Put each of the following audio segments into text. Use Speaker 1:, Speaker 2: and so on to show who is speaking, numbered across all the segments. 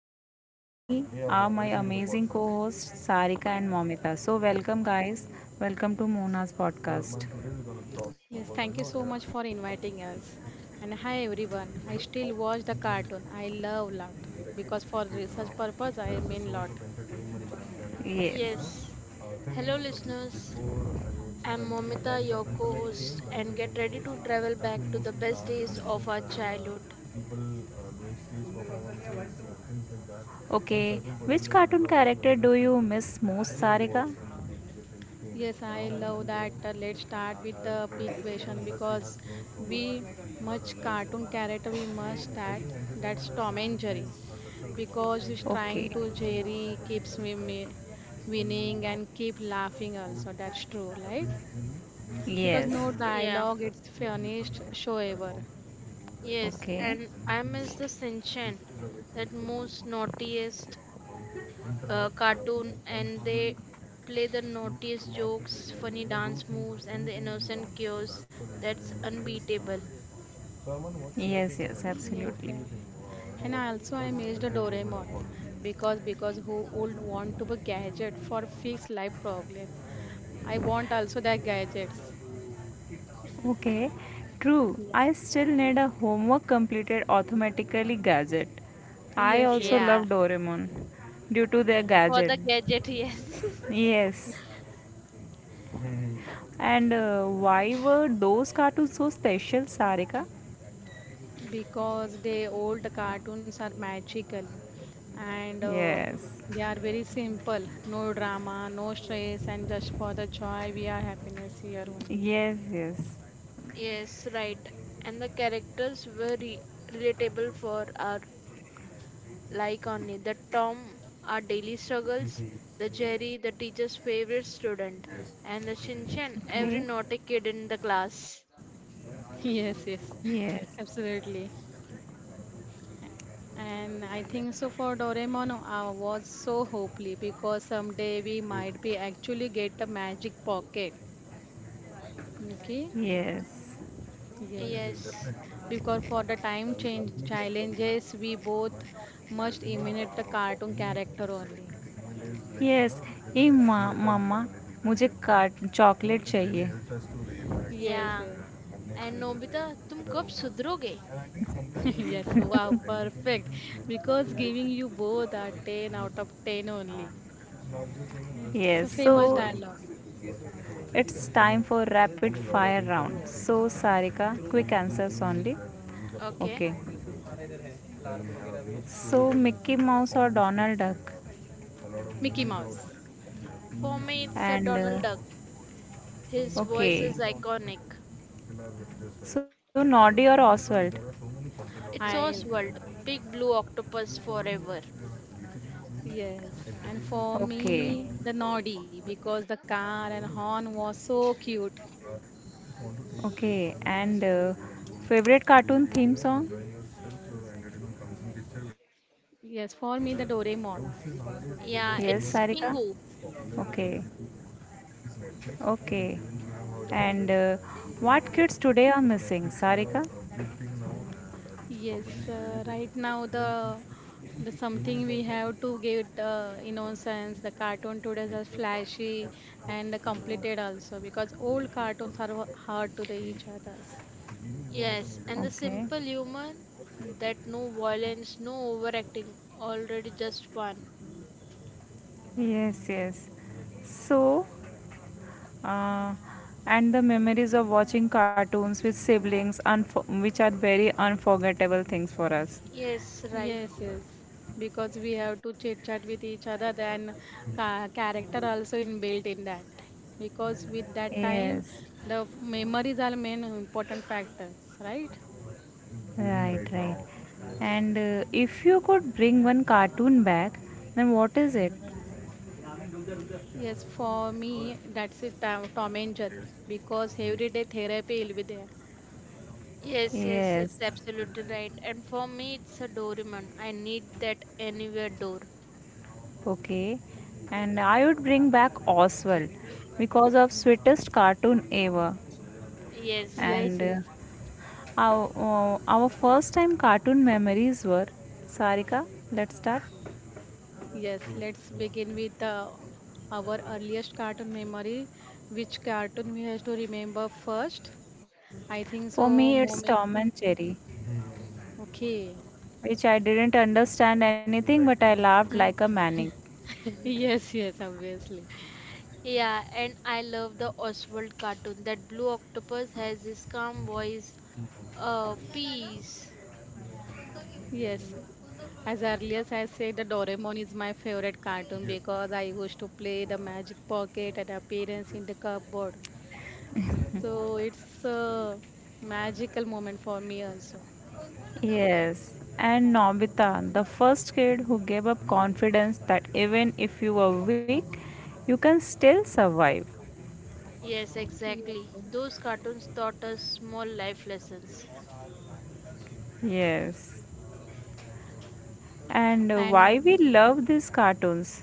Speaker 1: joining me are my amazing co hosts Sarika and Momita. So, welcome, guys. Welcome to Mona's podcast.
Speaker 2: Yes, thank you so much for inviting us. And hi everyone. I still watch the cartoon. I love lot because for research purpose I mean lot.
Speaker 1: You know,
Speaker 3: Yes. Hello, listeners. I'm Momita, your co host, and get ready to travel back to the best days of our childhood.
Speaker 1: okay, certain which particular cartoon genre character do you miss most, Sarika? Was Sarika?
Speaker 2: Yes, I love that. Let's start with the big question because we much cartoon character we must that that's Tom and Jerry because he's trying
Speaker 1: Okay.
Speaker 2: to Jerry keeps me winning and keep laughing also. That's true, right? Because
Speaker 1: Yes.
Speaker 2: no
Speaker 3: Yeah.
Speaker 2: dialogue, yes, it's finished show ever.
Speaker 3: Yes.
Speaker 1: Okay,
Speaker 3: And I miss the Sinchan, that most naughtiest cartoon, and they play the naughtiest jokes, funny dance moves, and the innocent cures. That's unbeatable.
Speaker 1: your yes, take on yes,
Speaker 2: Yes,
Speaker 1: absolutely.
Speaker 2: yeah. And I also I missed the Doraemon because
Speaker 1: To
Speaker 2: who would want to a gadget for fix life problem? I want also that gadgets.
Speaker 1: you? Okay, true.
Speaker 2: Yeah.
Speaker 1: I still need a homework completed automatically gadget.
Speaker 2: Yes,
Speaker 1: I
Speaker 2: yes.
Speaker 1: also
Speaker 3: Yeah.
Speaker 1: love Doraemon due to their
Speaker 2: Yeah.
Speaker 3: For
Speaker 1: gadget.
Speaker 3: the gadget, yes.
Speaker 1: Yes. And Why were those cartoons so special, Sarika?
Speaker 2: Because the old cartoons are magical and
Speaker 1: Yes.
Speaker 2: they are very simple. No drama, no stress, and just for the joy we are happiness here only.
Speaker 1: Yes, yes.
Speaker 3: Yes, right. And the characters were relatable for our like only. The Tom, our daily struggles, the Jerry, the teacher's favorite student, and the Shinchan, every
Speaker 1: Okay.
Speaker 3: naughty kid in the class.
Speaker 2: Yes, yes.
Speaker 1: Yes.
Speaker 2: Absolutely. And I think so for Doraemon I was so hopefully because someday we might be actually get a magic pocket. Okay?
Speaker 1: Yes.
Speaker 2: Yes.
Speaker 3: Yes,
Speaker 2: Because for the time change challenges we both must imitate the cartoon character only.
Speaker 1: Yes it is a a माँ fuel for मामा energy मुझे and का chocolate it really चाहिए
Speaker 2: Yes,
Speaker 3: yeah.
Speaker 2: yes.
Speaker 3: And Nobita, तुम कब सुधरोगे?
Speaker 2: Yes, wow, perfect. Because giving you both are 10 out of 10 only.
Speaker 1: know, just
Speaker 2: It's
Speaker 1: yes
Speaker 2: a
Speaker 1: sitting so
Speaker 2: famous
Speaker 1: and
Speaker 2: dialogue.
Speaker 1: It's time for There rapid is a lot fire of round so Sarika quick answers only.
Speaker 3: Okay.
Speaker 1: Okay. So Mickey Mouse or Donald Duck?
Speaker 2: Mickey Mouse.
Speaker 3: For me, it's a
Speaker 1: And
Speaker 3: Donald Duck. His voice
Speaker 1: okay.
Speaker 3: is iconic.
Speaker 1: So Noddy or Oswald?
Speaker 3: It's
Speaker 2: I'll
Speaker 3: Oswald, big blue octopus forever.
Speaker 2: yes, and for
Speaker 1: Okay.
Speaker 2: me, the Noddy because the car and horn was so cute.
Speaker 1: Okay. And favorite cartoon theme song?
Speaker 2: Yes, for me, the Doraemon.
Speaker 1: Yes, Sarika.
Speaker 3: Yeah, it's Pingu.
Speaker 1: Okay. Okay. And what kids today are missing, Sarika?
Speaker 2: Yes, right now the something we have to get innocence. The cartoon today are flashy and completed also because old cartoons are hard to the each others.
Speaker 3: Yes, and the
Speaker 1: Okay.
Speaker 3: simple human that no violence, no overacting, already just one.
Speaker 1: Yes, yes. So, uh, and the memories of watching cartoons with siblings, which are very unforgettable things for us.
Speaker 3: Yes, right.
Speaker 2: Yes, yes. Because we have to chit chat with each other, then ca character also in built in that. Because with that time,
Speaker 1: Yes,
Speaker 2: the memories are main important factors, right?
Speaker 1: right, right. And if you could bring one cartoon back, then what is it?
Speaker 2: Yes, for me, that's it. Tom and Jerry. Because every day therapy will be there.
Speaker 3: Yes, yes, it's
Speaker 1: Yes.
Speaker 3: absolutely right. And for me, it's a Doraemon. I need that anywhere door.
Speaker 1: Okay, and I would bring back Oswald because of
Speaker 2: Yes.
Speaker 1: sweetest cartoon ever.
Speaker 3: Yes, right.
Speaker 2: Yes,
Speaker 1: And
Speaker 2: yes,
Speaker 1: our first time cartoon memories were, Sarika, let's start.
Speaker 2: yes. Let's begin with the our earliest cartoon memory. Which cartoon we have to remember first? I think
Speaker 1: For
Speaker 2: so.
Speaker 1: me, it's
Speaker 2: Moment.
Speaker 1: Tom and Jerry,
Speaker 2: Okay.
Speaker 1: which I didn't understand anything but I laughed like a maniac.
Speaker 2: Yes, yes, obviously.
Speaker 3: Yeah, and I love the Oswald cartoon. That blue octopus has his calm voice. Peace.
Speaker 2: Yes. As early as I said, the Doraemon is my favorite cartoon because I used to play the magic pocket and appearance in the cupboard. So it's a magical moment for me also.
Speaker 1: Yes, and Nobita, the first kid who gave up confidence that even if you were weak, you can still survive.
Speaker 3: Yes, exactly.
Speaker 2: Yes.
Speaker 3: Those cartoons taught us small life lessons.
Speaker 1: Yes. And why
Speaker 2: And
Speaker 1: we love these cartoons.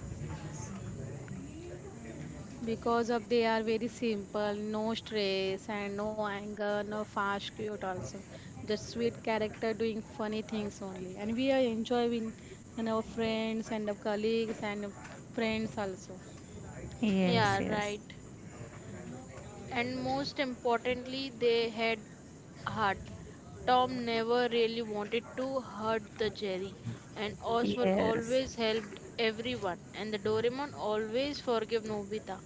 Speaker 2: because of they are very simple, no stress and no anger, no fast cute also, just sweet character doing funny things only and we are enjoying, and our friends and our colleagues and friends also.
Speaker 1: Yes,
Speaker 3: Yeah,
Speaker 1: yes,
Speaker 3: right. And most importantly, they had heart. Tom never really wanted to hurt the Jerry, and Oswald
Speaker 1: yes,
Speaker 3: always helped everyone, and the Doraemon always forgave Nobita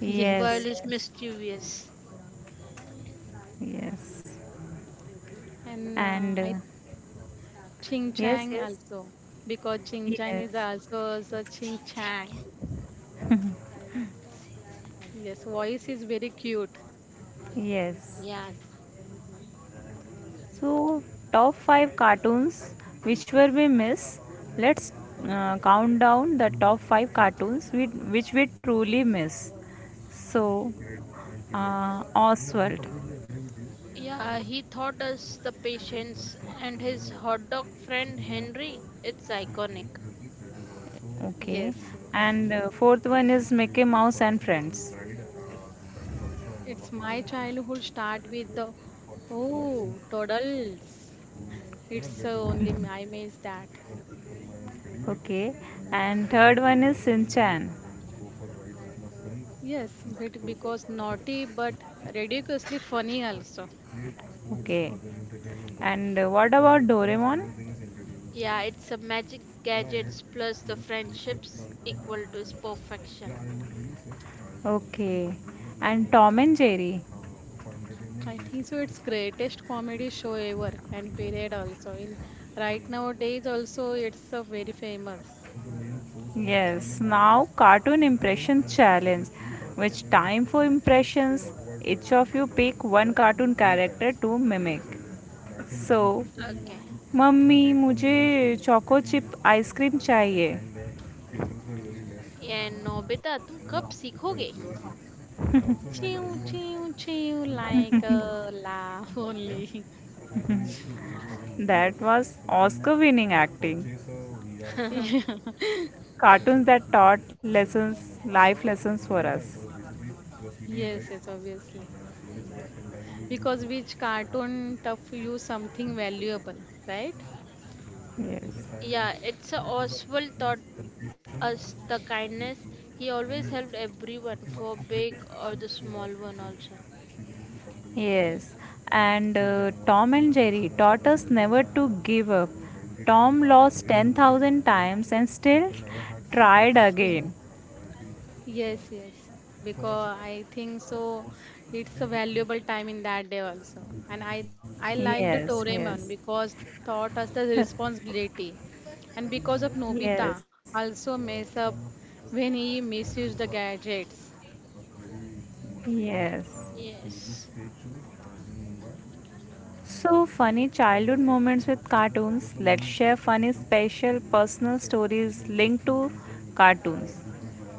Speaker 2: Yes,
Speaker 3: while
Speaker 1: yes,
Speaker 2: yes.
Speaker 3: he's
Speaker 1: yes,
Speaker 3: mischievous.
Speaker 1: yes,
Speaker 2: And
Speaker 1: and
Speaker 2: I, ching
Speaker 1: yes,
Speaker 2: chang
Speaker 1: yes,
Speaker 2: also because ching chang is
Speaker 1: yes,
Speaker 2: also the ching chang, yes, voice is very cute.
Speaker 1: yes.
Speaker 3: Yeah,
Speaker 1: So, top 5 cartoons which were we miss. Let's count down the top 5 cartoons we, which we truly miss. So, Oswald.
Speaker 3: yeah, he taught us the patience, and his hot dog friend Henry, it's iconic.
Speaker 1: Okay.
Speaker 2: Yes, yes.
Speaker 1: And fourth one is Mickey Mouse and Friends.
Speaker 2: It's my childhood start with the oh toddles. It's only I miss that.
Speaker 1: Okay. And third one is Shin Chan.
Speaker 2: Yes, but because naughty but ridiculously funny also.
Speaker 1: Okay. And what about Doraemon?
Speaker 3: Yeah, it's a magic gadgets plus the friendships equal to its perfection.
Speaker 1: Okay. And Tom and Jerry.
Speaker 2: I think so. It's greatest comedy show ever and period also. In right nowadays also it's very famous.
Speaker 1: Yes. Now cartoon impression challenge. Which time for impressions? Each of you pick one cartoon character to mimic. So
Speaker 3: Okay.
Speaker 2: Yeah.
Speaker 1: Mummy मुझे choco chip ice cream चाहिए.
Speaker 3: And Nobita तुम कब सीखोगे.
Speaker 2: Chew chew chew like a laugh only.
Speaker 1: That was Oscar winning acting.
Speaker 2: Yeah.
Speaker 1: Cartoons that taught lessons, life lessons for yeah, us.
Speaker 2: Yes, yes, obviously. Because which cartoon tough you something valuable, right?
Speaker 3: Yeah,
Speaker 1: Yes.
Speaker 3: It's Oswald taught us the kindness. He always helped everyone, for big or the small one also.
Speaker 1: Yes, and Tom and Jerry taught us never to give up. Tom lost 10,000 times and still tried
Speaker 2: Yeah.
Speaker 1: again.
Speaker 2: Yes, yes, because I think so. It's a valuable time in that day also, and I like
Speaker 1: Yes,
Speaker 2: the
Speaker 1: yes.
Speaker 2: Doraemon because taught us the responsibility, and because of Nobita
Speaker 1: Yes.
Speaker 2: also mess up when he misused the gadgets.
Speaker 1: Yes.
Speaker 3: Yes.
Speaker 1: So funny childhood moments with cartoons. Let's share funny, special, personal stories linked to cartoons.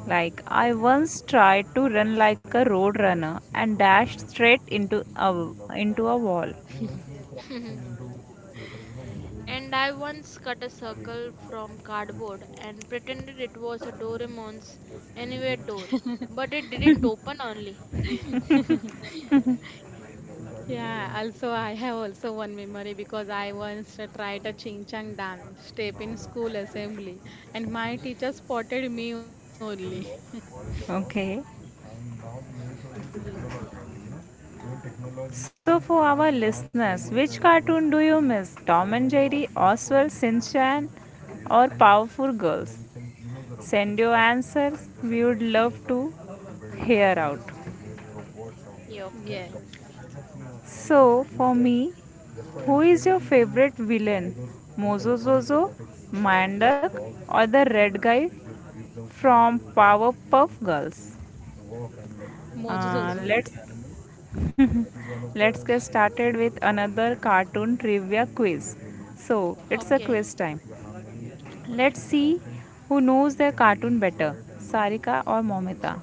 Speaker 1: Like, I once tried to run like a road runner and dashed straight into into a wall.
Speaker 3: And I once cut a circle from cardboard and pretended it was a Doraemon's anywhere door, but it didn't open only.
Speaker 2: Yeah, also I have also one memory because I once tried a ching chang dance step in school assembly, and my teacher spotted me only.
Speaker 1: Okay.
Speaker 2: Yes,
Speaker 1: So, for our listeners, which cartoon do you miss? Tom and Jerry, Oswald, Sinchan, or Powerpuff Girls? Send your answers. We would love to hear out.
Speaker 3: Yeah, okay.
Speaker 2: yes,
Speaker 1: So, for me, who is your favorite villain? Mozo Zozo, Mandak, or the red guy from Powerpuff Girls?
Speaker 2: Mojojojo.
Speaker 1: Let's let's get started with another cartoon trivia quiz. So, it's a
Speaker 3: Okay.
Speaker 1: quiz time. Let's see who knows their cartoon better, Sarika or Momita.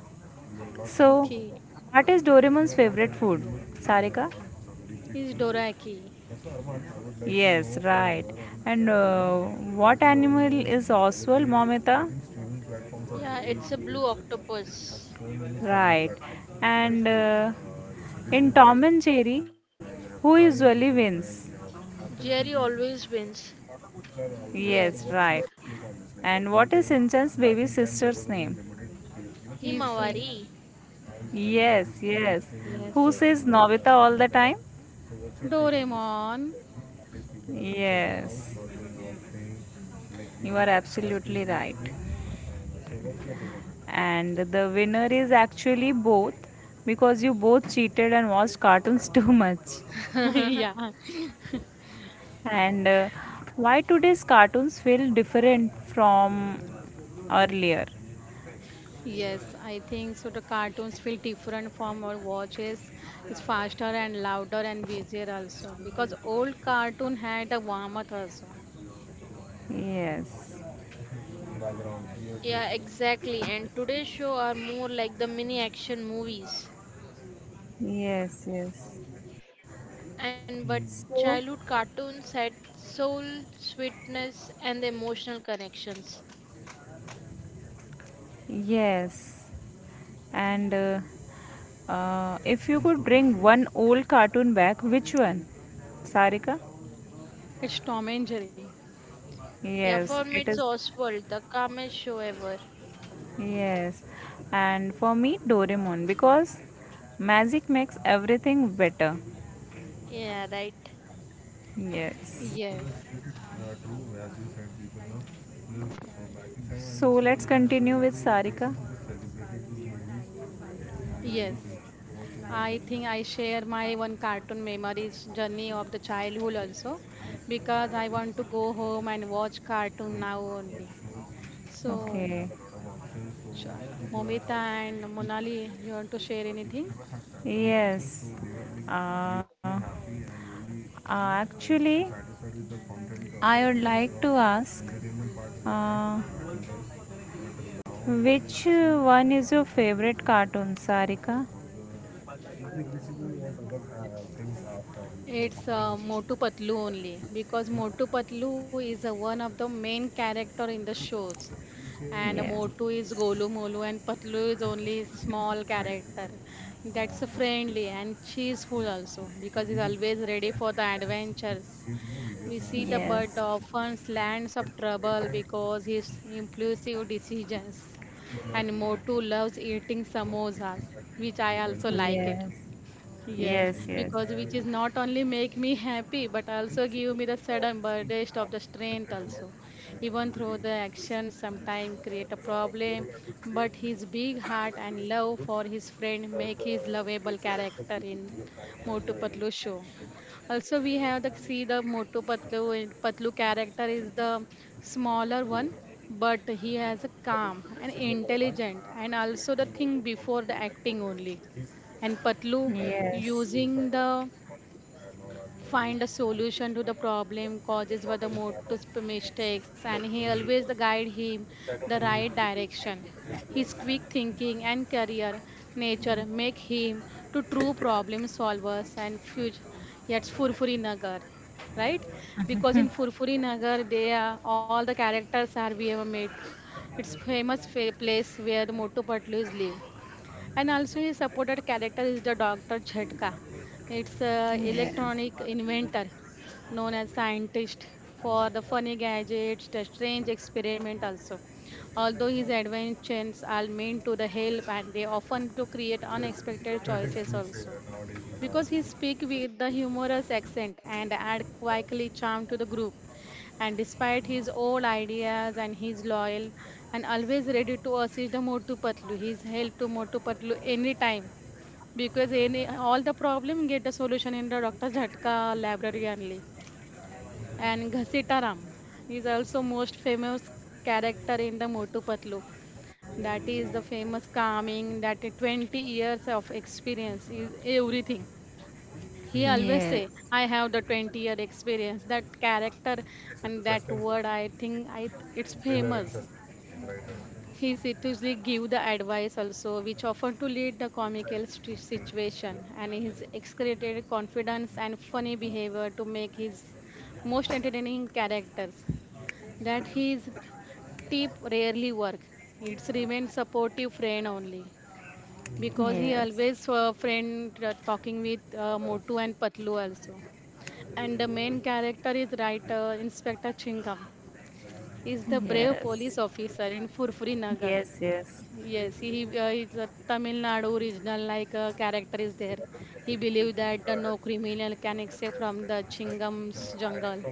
Speaker 1: So,
Speaker 2: Okay.
Speaker 1: what is Doraemon's favorite food? Sarika?
Speaker 2: Is Doraki.
Speaker 1: Yes, right. And what animal is Oswald, Momita?
Speaker 3: Yeah, it's a blue octopus.
Speaker 1: Right. And in Tom and Jerry, who usually wins?
Speaker 3: Jerry always wins.
Speaker 1: Yes,
Speaker 2: Yes.
Speaker 1: right. And what is Sinchan's baby sister's name?
Speaker 2: Is
Speaker 3: Himawari.
Speaker 2: he?
Speaker 1: Yes, yes.
Speaker 2: Yes,
Speaker 1: Who
Speaker 2: yes.
Speaker 1: says Novita all the time?
Speaker 2: Doraemon.
Speaker 1: Yes, you are absolutely right. And the winner is actually both because you both cheated and watched cartoons too much.
Speaker 2: Yeah.
Speaker 1: And why today's cartoons feel different from earlier?
Speaker 2: Yes, I think so. The cartoons feel different from our watches. It's faster and louder and busier also because old cartoon had a warmth also.
Speaker 1: Yes,
Speaker 3: Yeah, exactly. And today's show are more like the mini action movies.
Speaker 1: yes, yes,
Speaker 3: And but
Speaker 1: so,
Speaker 3: childhood cartoons had soul, sweetness, and the emotional connections.
Speaker 1: yes. And if you could bring one old cartoon back, which one? Sarika?
Speaker 2: It's Tom and Jerry.
Speaker 3: Yeah,
Speaker 1: Yes,
Speaker 3: for me
Speaker 1: it
Speaker 3: it's
Speaker 1: is.
Speaker 3: Oswald, the calmest show ever.
Speaker 1: Yes. And for me, Doraemon, because magic makes everything better.
Speaker 3: Yeah, right.
Speaker 1: Yes.
Speaker 2: Yes,
Speaker 1: So let's continue with Sarika.
Speaker 2: yes. I think I share my one cartoon memories journey of the childhood also because I want to go home and watch cartoon now only. So,
Speaker 1: Okay.
Speaker 2: Sh- Momita and Monali, you want to share anything?
Speaker 1: Yes. Uh, uh, actually, I would like to ask uh, which one is your favorite cartoon, Sarika?
Speaker 2: It's Motu Patlu only because Motu Patlu is one of the main character in the shows, and
Speaker 1: Yes.
Speaker 2: Motu is Golu Molu and Patlu is only small character. That's friendly and cheerful also because he's always ready for the adventures. We see the bird
Speaker 1: Yes.
Speaker 2: often lands of trouble because his impulsive decisions. And Motu loves eating samosas, which I also like it.
Speaker 1: Yes.
Speaker 2: Yes,
Speaker 1: Yes, yes.
Speaker 2: because which is not only make me happy but also give me the sudden burst of the strength also. Even through the action sometime create a problem, but his big heart and love for his friend make his lovable character in Motu Patlu show. Also we have the see the Motu Patlu and Patlu character is the smaller one, but he has a calm and intelligent and also the thing before the acting only, and Patlu,
Speaker 1: Like, you a yes.
Speaker 2: using the find a solution to the problem causes were the motive mistakes, and he always the guide him the right direction. His quick thinking and career nature make him to true problem solvers and future. Yet Furfuri Nagar, right? Because in Furfuri Nagar, they are all the characters are we ever met. It's famous place where the Motu Patlu is live. And also his supported character is the Dr. Jhatka. It's a
Speaker 1: Us?
Speaker 2: electronic
Speaker 1: Yes.
Speaker 2: inventor known as scientist for the funny gadgets, the strange experiment also. Although his adventures are meant to the help and they often to create unexpected choices also. Because he speak with the humorous accent and add quickly charm to the group. And despite his old ideas and his loyal and always ready to assist the Motu Patlu, his help to Motu Patlu anytime. Because any all the problem get a solution in the Dr. Jhatka library only. And Ghasitaram is also most famous character in the Motu Patlu. That is the famous calming that 20 years of experience is everything. He always say
Speaker 1: Yes.
Speaker 2: I have the 20-year experience that character, and that word I think I, it's famous. He seriously give the advice also which often to lead the comical situation, and his exaggerated confidence and funny behavior to make his most entertaining characters, that his tip rarely work, it's remain supportive friend only because he
Speaker 1: Yes.
Speaker 2: always friend talking with motu and patlu also. And the main character is writer Inspector Chingam. He's the brave police
Speaker 1: Yes.
Speaker 2: officer in Furfuri Nagar.
Speaker 1: Yes. Yes.
Speaker 2: Yes, he is a Tamil Nadu regional like character is there. He believes that the no criminal can escape from the Chingam's jungle,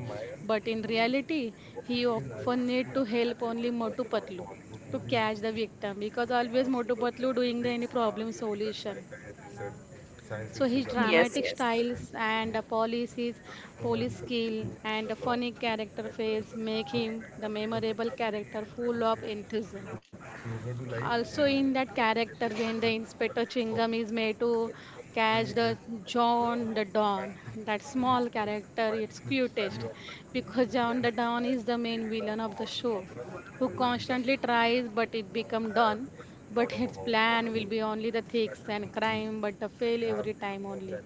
Speaker 2: but in reality, he often need to help only Motu Patlu to catch the victim because always Motu Patlu doing the any problem solution. So his dramatic
Speaker 1: Yes,
Speaker 2: styles and policies, police skill, and a funny character face make him the memorable character full of enthusiasm. Also, in that character, when the Inspector Chingam is made to catch the John the Don, that small character, it's cutest because John the Don is the main villain of the show who constantly tries but it become Don. But his plan will be only the thieves and crime, but the fail every time only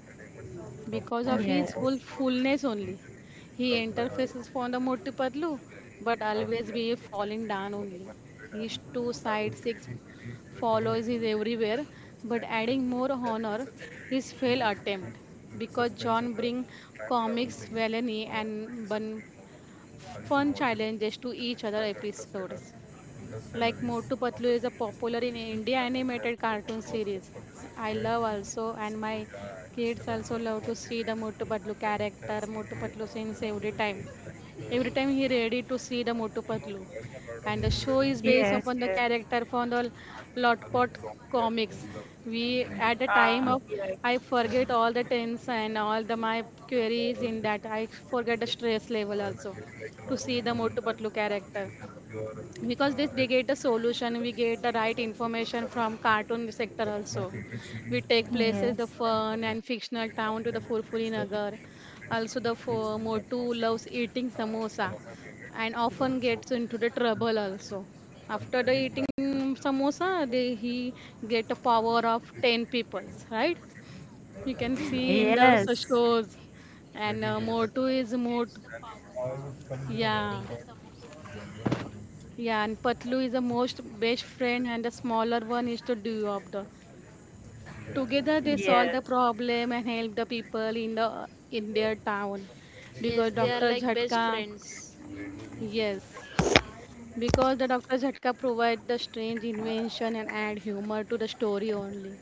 Speaker 2: because of his whole fullness only. He interfaces for the Moti Patlu, but always be falling down only. His two side six follows is everywhere, but adding more honor his failed attempt because John bring comics, villainy, and fun challenges to each other episodes. Like Motu Patlu is a popular in India animated cartoon series. I love also, and my kids also love to see the Motu Patlu character, Motu Patlu scenes every time. Every time he ready to see the Motu Patlu. And the show is based
Speaker 1: yes,
Speaker 2: upon the
Speaker 1: yes.
Speaker 2: character from the Lotpot comics. We at the time
Speaker 1: Ah,
Speaker 2: of
Speaker 1: yes.
Speaker 2: I forget all the tense and all the my queries in that. I forget the stress level also to see the Motu Patlu character because this they get the solution, we get the right information from cartoon sector also, we take places the fun and fictional town to the furfuri nagar, also the motu loves eating samosa and often gets into the trouble also after the eating samosa they he get a power of 10 peoples, right? You can see in the
Speaker 1: Yes,
Speaker 2: shows. And motu is motu, yeah. Yeah, and Patlu is the most best friend, and the smaller one is the do of the. Together they solve the
Speaker 1: yes,
Speaker 2: problem and help the people in the in their town, because
Speaker 3: Yes, they are
Speaker 2: Doctor
Speaker 3: like best
Speaker 2: Jhatka,
Speaker 3: friends.
Speaker 2: yes, because the Doctor Jhatka provide the strange invention and add humor to the story only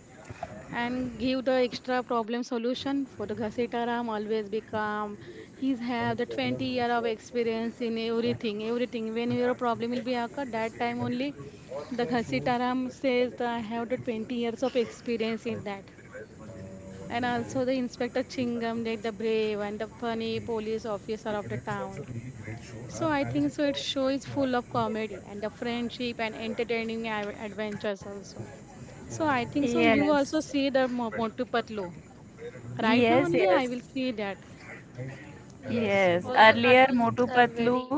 Speaker 2: and give the extra problem solution. For the Ghasetaram, always be calm. He's have the 20 year of experience in everything, everything. When your problem will be occur, that time only the Ghasetaram says that I have the 20 years of experience in that. And also the Inspector Chingam, like the brave and the funny police officer of the town. So I think so. Its show is full of comedy and the friendship and entertaining adventures also. So I think so. You also
Speaker 1: yes,
Speaker 2: see the Motu Patlu. Right now
Speaker 1: yes,
Speaker 2: only I
Speaker 1: yes,
Speaker 2: will see that.
Speaker 3: Yes,
Speaker 1: yes. More
Speaker 3: all the
Speaker 1: earlier,
Speaker 3: cartoons
Speaker 1: Motu
Speaker 3: are very.
Speaker 1: Patlu,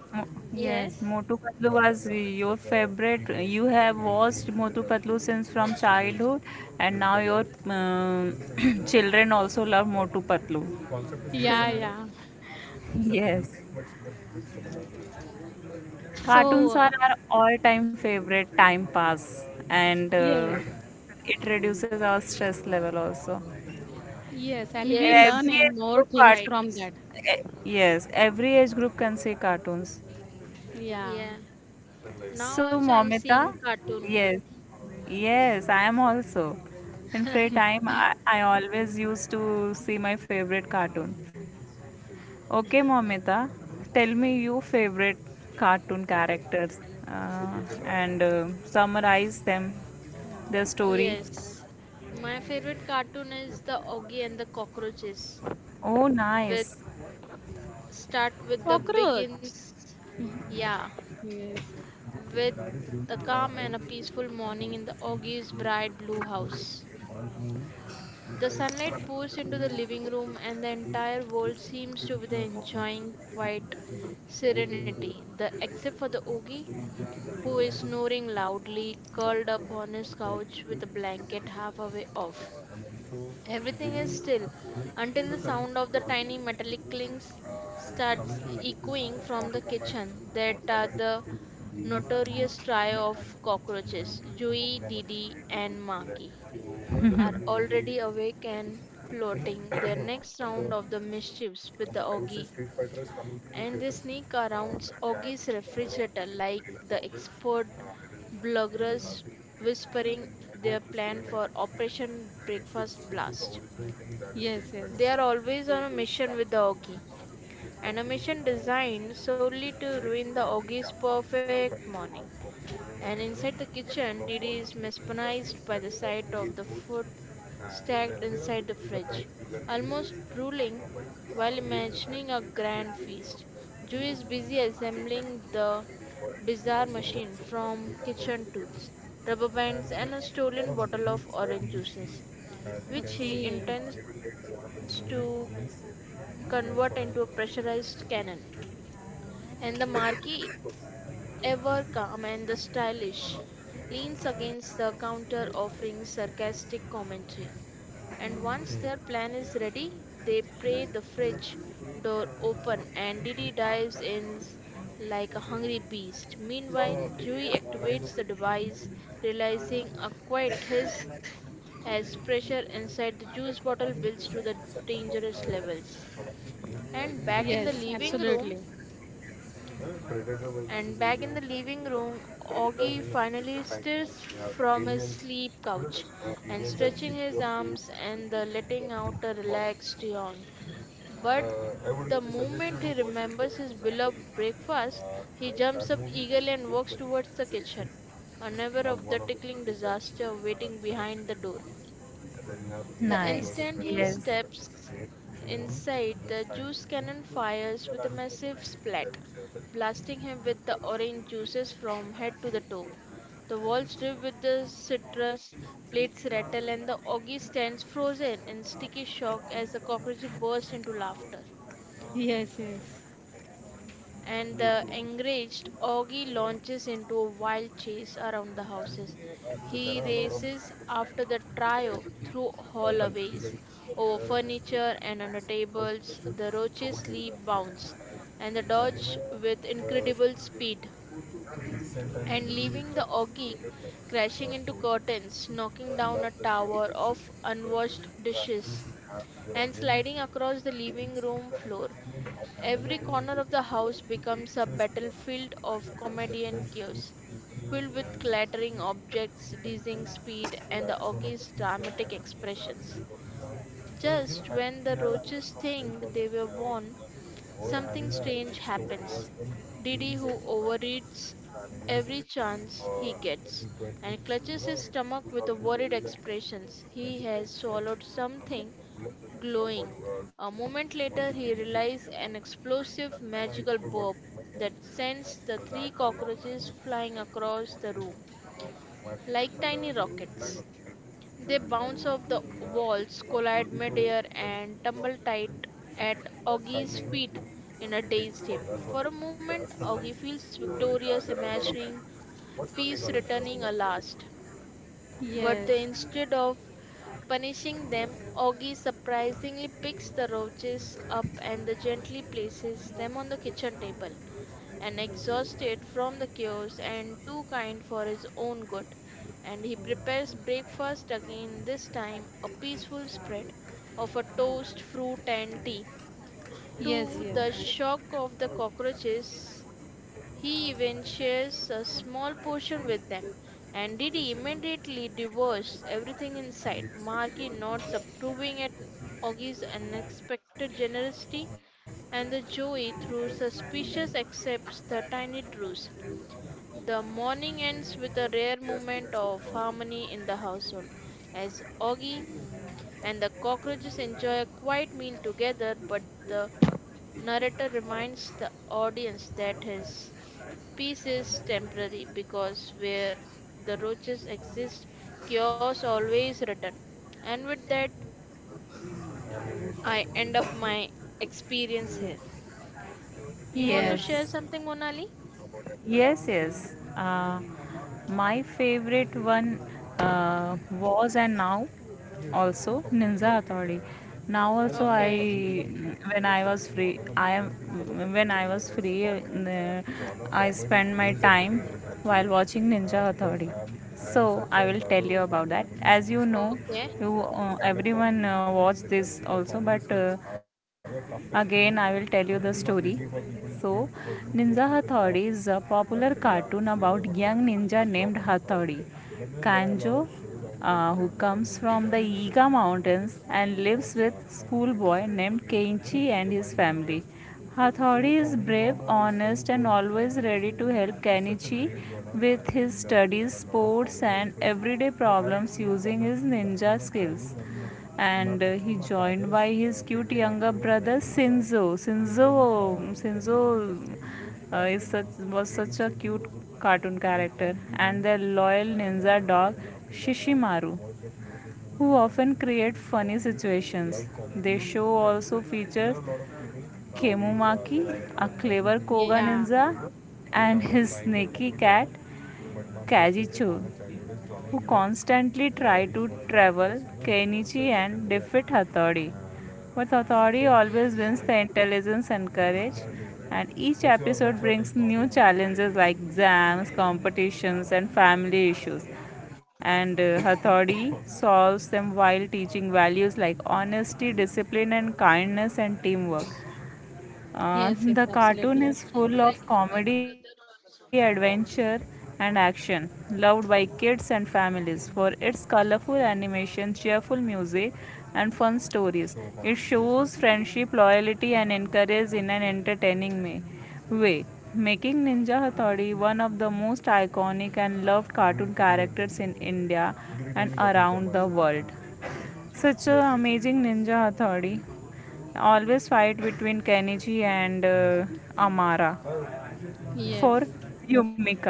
Speaker 1: Mo- yes,
Speaker 3: Yes.
Speaker 1: Motu Patlu was your favorite. You have watched Motu Patlu since from childhood, and now your children also love Motu Patlu.
Speaker 2: Yeah, yeah.
Speaker 1: Yes,
Speaker 2: So
Speaker 1: cartoons are our all-time favorite time pass, and
Speaker 2: yes,
Speaker 1: it reduces our stress level also.
Speaker 2: yes, and
Speaker 1: In
Speaker 2: we
Speaker 3: Yes,
Speaker 2: learn
Speaker 1: every
Speaker 2: and
Speaker 1: age
Speaker 2: more
Speaker 1: group,
Speaker 2: things
Speaker 3: right.
Speaker 2: from
Speaker 1: cartoons.
Speaker 2: that.
Speaker 1: Yes, every age group can see cartoons.
Speaker 2: Yeah.
Speaker 3: Yeah. Now
Speaker 1: So,
Speaker 3: also I'm seeing
Speaker 1: Momita,
Speaker 3: cartoon.
Speaker 1: yes, yes, I am also. In free time, I always used to see my favorite cartoon. Okay, Momita, tell me your favorite cartoon characters uh, and summarize them, their story.
Speaker 3: Yes, my favorite cartoon is the Oggy and the Cockroaches.
Speaker 1: Oh,
Speaker 3: With
Speaker 1: nice.
Speaker 3: start with the
Speaker 2: Cockroach.
Speaker 3: begins, Yeah,
Speaker 2: Yes,
Speaker 3: with the calm and a peaceful morning in the Oggy's bright blue house. The sunlight pours into the living room, and the entire world seems to be enjoying quiet serenity. The except for the Oogie, who is snoring loudly, curled up on his couch with a blanket half away off. Everything is still until the sound of the tiny metallic clinks starts echoing from the kitchen. That are the notorious trio of cockroaches, Joey, Didi, and Marky, are already awake and plotting their next round of the mischiefs with the Augie, and they sneak around Augie's refrigerator like the expert bluggerers, whispering their plan for Operation Breakfast Blast.
Speaker 2: yes, yes.
Speaker 3: They are always on a mission with the Augie, and a mission designed solely to ruin the Augie's perfect morning. And inside the kitchen, Didi is mesmerized by the sight of the food stacked inside the fridge, almost drooling while imagining a grand feast. Ju is busy assembling the bizarre machine from kitchen tools, rubber bands, and a stolen bottle of orange juices, which he
Speaker 2: Okay.
Speaker 3: intends to convert into a pressurized cannon. And the marquee, ever calm and the stylish, leans against the counter offering sarcastic commentary. And once their plan is ready, they pry the fridge door open and Didi dives in like a hungry beast. Meanwhile, Dewey activates the device, realizing a quiet hiss as pressure inside the juice bottle builds to the dangerous levels. And back in the
Speaker 2: Yes,
Speaker 3: living room,
Speaker 2: absolutely.
Speaker 3: and back in the living room, Augie finally stirs from his sleep couch and stretching his arms and the letting out a relaxed yawn. But the moment he remembers his beloved breakfast, he jumps up eagerly and walks towards the kitchen, unaware of the tickling disaster waiting behind the door. The instant he steps inside, the juice cannon fires with a massive splat, blasting him with the orange juices from head to the toe. The walls drip with the citrus, plates rattle, and the ogre stands frozen in sticky shock as the cockroach bursts into laughter,
Speaker 2: Yes, yes,
Speaker 3: and the enraged Augie launches into a wild chase around the houses. He races after the trio through hallways, over furniture and under tables. The roaches leap bounds and the dodge with incredible speed, and leaving the Augie crashing into curtains, knocking down a tower of unwashed dishes, and sliding across the living room floor. Every corner of the house becomes a battlefield of comedy and chaos, filled with clattering objects, dizzying speed, and the ogre's dramatic expressions. Just when the roaches think they were won, something strange happens. Didi, who overeats every chance he gets and clutches his stomach with a worried expression, he has swallowed something glowing. A moment later, he realizes an explosive magical bob that sends the three cockroaches flying across the room like tiny rockets. They bounce off the walls, collide midair, and tumble tight at Augie's feet in a dazed heap. For a moment, Augie feels victorious, imagining peace returning at last. But
Speaker 2: yes.
Speaker 3: instead of punishing them, Augie surprisingly picks the roaches up and the gently places them on the kitchen table. And exhausted from the chaos and too kind for his own good, and he prepares breakfast again. This time, a peaceful spread of a toast, fruit, and tea.
Speaker 2: Yes,
Speaker 3: To
Speaker 2: yes.
Speaker 3: the shock of the cockroaches, he even shares a small portion with them, and Didi immediately devours everything in sight. Marky nods, approving at Oggy's unexpected generosity, and the Joey, through suspicious, accepts the tiny truce. The morning ends with a rare moment of harmony in the household, as Oggy and the cockroaches enjoy a quiet meal together, but the narrator reminds the audience that his peace is temporary because where the roaches exist, chaos always return. And with that, I end up my experience here. You want to
Speaker 2: Yes.
Speaker 3: share
Speaker 1: Yes.
Speaker 3: something, Monali?
Speaker 1: Yes, yes. My favorite one was and now also Ninja Authority. Now also
Speaker 3: Okay,
Speaker 1: I when I was free I am when I was free I spend my time while watching Ninja Authority. So I will tell you about that. As you know,
Speaker 3: okay.
Speaker 1: you everyone watch this also, but again I will tell you the story. So, Ninja Hathori is a popular cartoon about young ninja named Hathori. Kanjo, who comes from the Iga Mountains and lives with schoolboy named Kenichi and his family. Hathori is brave, honest, and always ready to help Kenichi with his studies, sports, and everyday problems using his ninja skills and he joined by his cute younger brother Sinzo. Sinzo is such was such a cute cartoon character, and their loyal ninja dog Shishimaru, who often create funny situations. The show also features Kemumaki, a clever koga
Speaker 2: Yeah.
Speaker 1: ninja, and his sneaky cat Kajicho, who constantly try to travel Kainichi and defeat Hattori. But Hattori
Speaker 3: Yes.
Speaker 1: always wins the intelligence and courage, and each episode brings new challenges like exams, competitions, and family issues. And Hattori solves them while teaching values like honesty, discipline, and kindness and teamwork.
Speaker 2: Yes, yes,
Speaker 1: The cartoon
Speaker 2: absolutely.
Speaker 1: is full of comedy, adventure, and action, loved by kids and families for its colorful animation, cheerful music, and fun stories. It shows friendship, loyalty, and encourages in an entertaining way, making Ninja Hattori one of the most iconic and loved cartoon characters in India and around the world. Such a amazing ninja authority. Always fight between Kenichi and Amara for
Speaker 2: Yes.
Speaker 1: Yumika.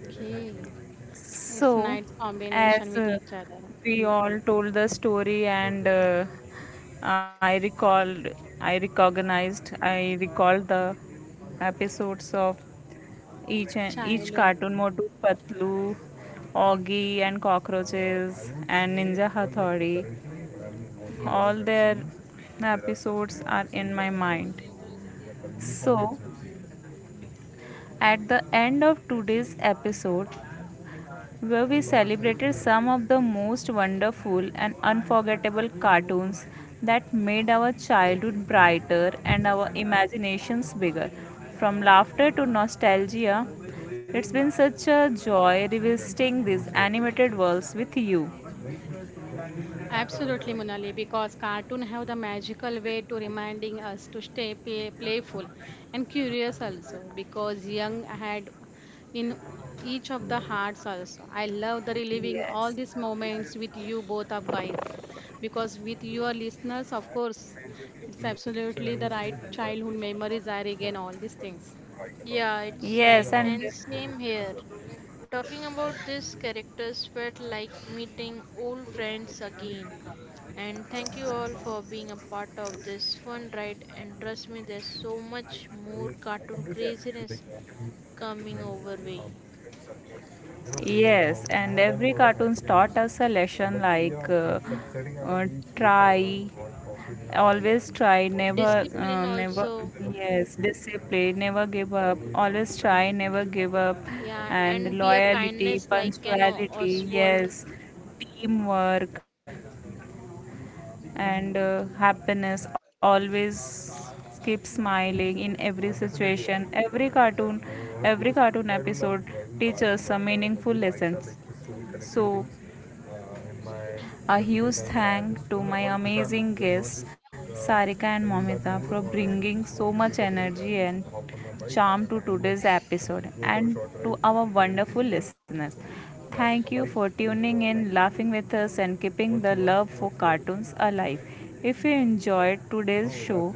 Speaker 2: Okay. It's
Speaker 1: So,
Speaker 2: nice combination
Speaker 1: as
Speaker 2: with each other.
Speaker 1: we all told the story and I recalled, I recognized, I recalled the episodes of each and each
Speaker 2: Childhood.
Speaker 1: cartoon Motu Patlu, Augie and cockroaches and Ninja Hathaude. All
Speaker 2: Yes.
Speaker 1: their episodes are in my mind. So, at the end of today's episode, where we celebrated some of the most wonderful and unforgettable cartoons that made our childhood brighter and our imaginations bigger. From laughter to nostalgia, it's been such a joy revisiting these animated worlds with you.
Speaker 2: Absolutely, Munali, because cartoon have the magical way to reminding us to stay playful and curious also, because young had in each of the hearts also. I love the reliving all
Speaker 1: Yes.
Speaker 2: these moments with you both of guys, because with your listeners, of course, it's absolutely the right childhood memories I regain all these things.
Speaker 3: Yeah, it's right.
Speaker 1: Yes, and
Speaker 3: And same here. Talking about these characters felt like meeting old friends again. And thank you all for being a part of this fun ride. And trust me, there's so much more cartoon craziness coming over way.
Speaker 1: know, yes, and modern every world cartoon taught us a lesson but we like are setting up each try, modern world of it in our always try, never, horizons
Speaker 3: Discipline
Speaker 1: and never,
Speaker 3: also,
Speaker 1: yes, discipline, never give up, always try and never give up,
Speaker 3: yeah,
Speaker 1: and
Speaker 3: and be a
Speaker 1: loyalty,
Speaker 3: kindness like an
Speaker 1: punctuality,
Speaker 3: Oswald.
Speaker 1: yes, teamwork and happiness always keep smiling in every situation, every cartoon, every cartoon episode teaches some meaningful lessons. So a huge thank to my amazing guests, Sarika and Momita, for bringing so much energy and charm to today's episode and to our wonderful listeners. Thank you for tuning in, laughing with us, and keeping the love for cartoons alive. If you enjoyed today's show,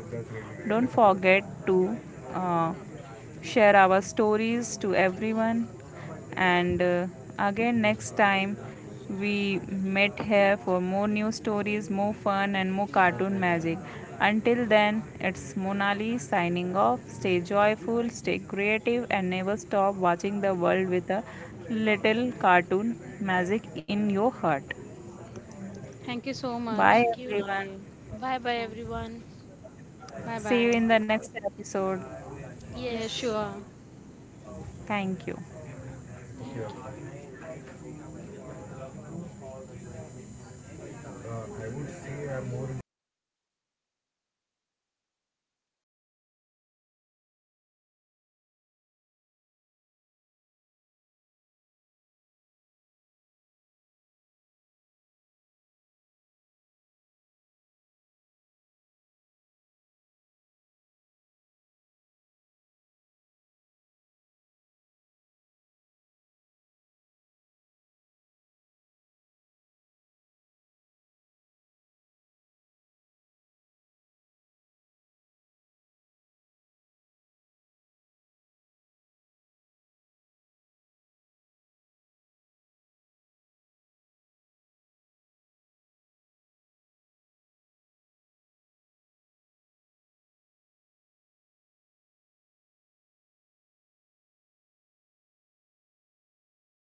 Speaker 1: don't forget to uh, share our stories to everyone. And again, next time, we met here for more new stories, more fun, and more cartoon magic. Until then, it's Monali signing off. Stay joyful, stay creative, and never stop watching the world with a little cartoon magic in your heart.
Speaker 2: Thank you so much,
Speaker 1: Bye,
Speaker 3: Thank you.
Speaker 1: everyone.
Speaker 2: Munali.
Speaker 3: Bye bye, everyone.
Speaker 2: Bye
Speaker 1: See you in
Speaker 2: bye.
Speaker 1: the next episode.
Speaker 2: Yeah,
Speaker 3: Yes.
Speaker 2: sure.
Speaker 1: Thank you.
Speaker 3: Thank you.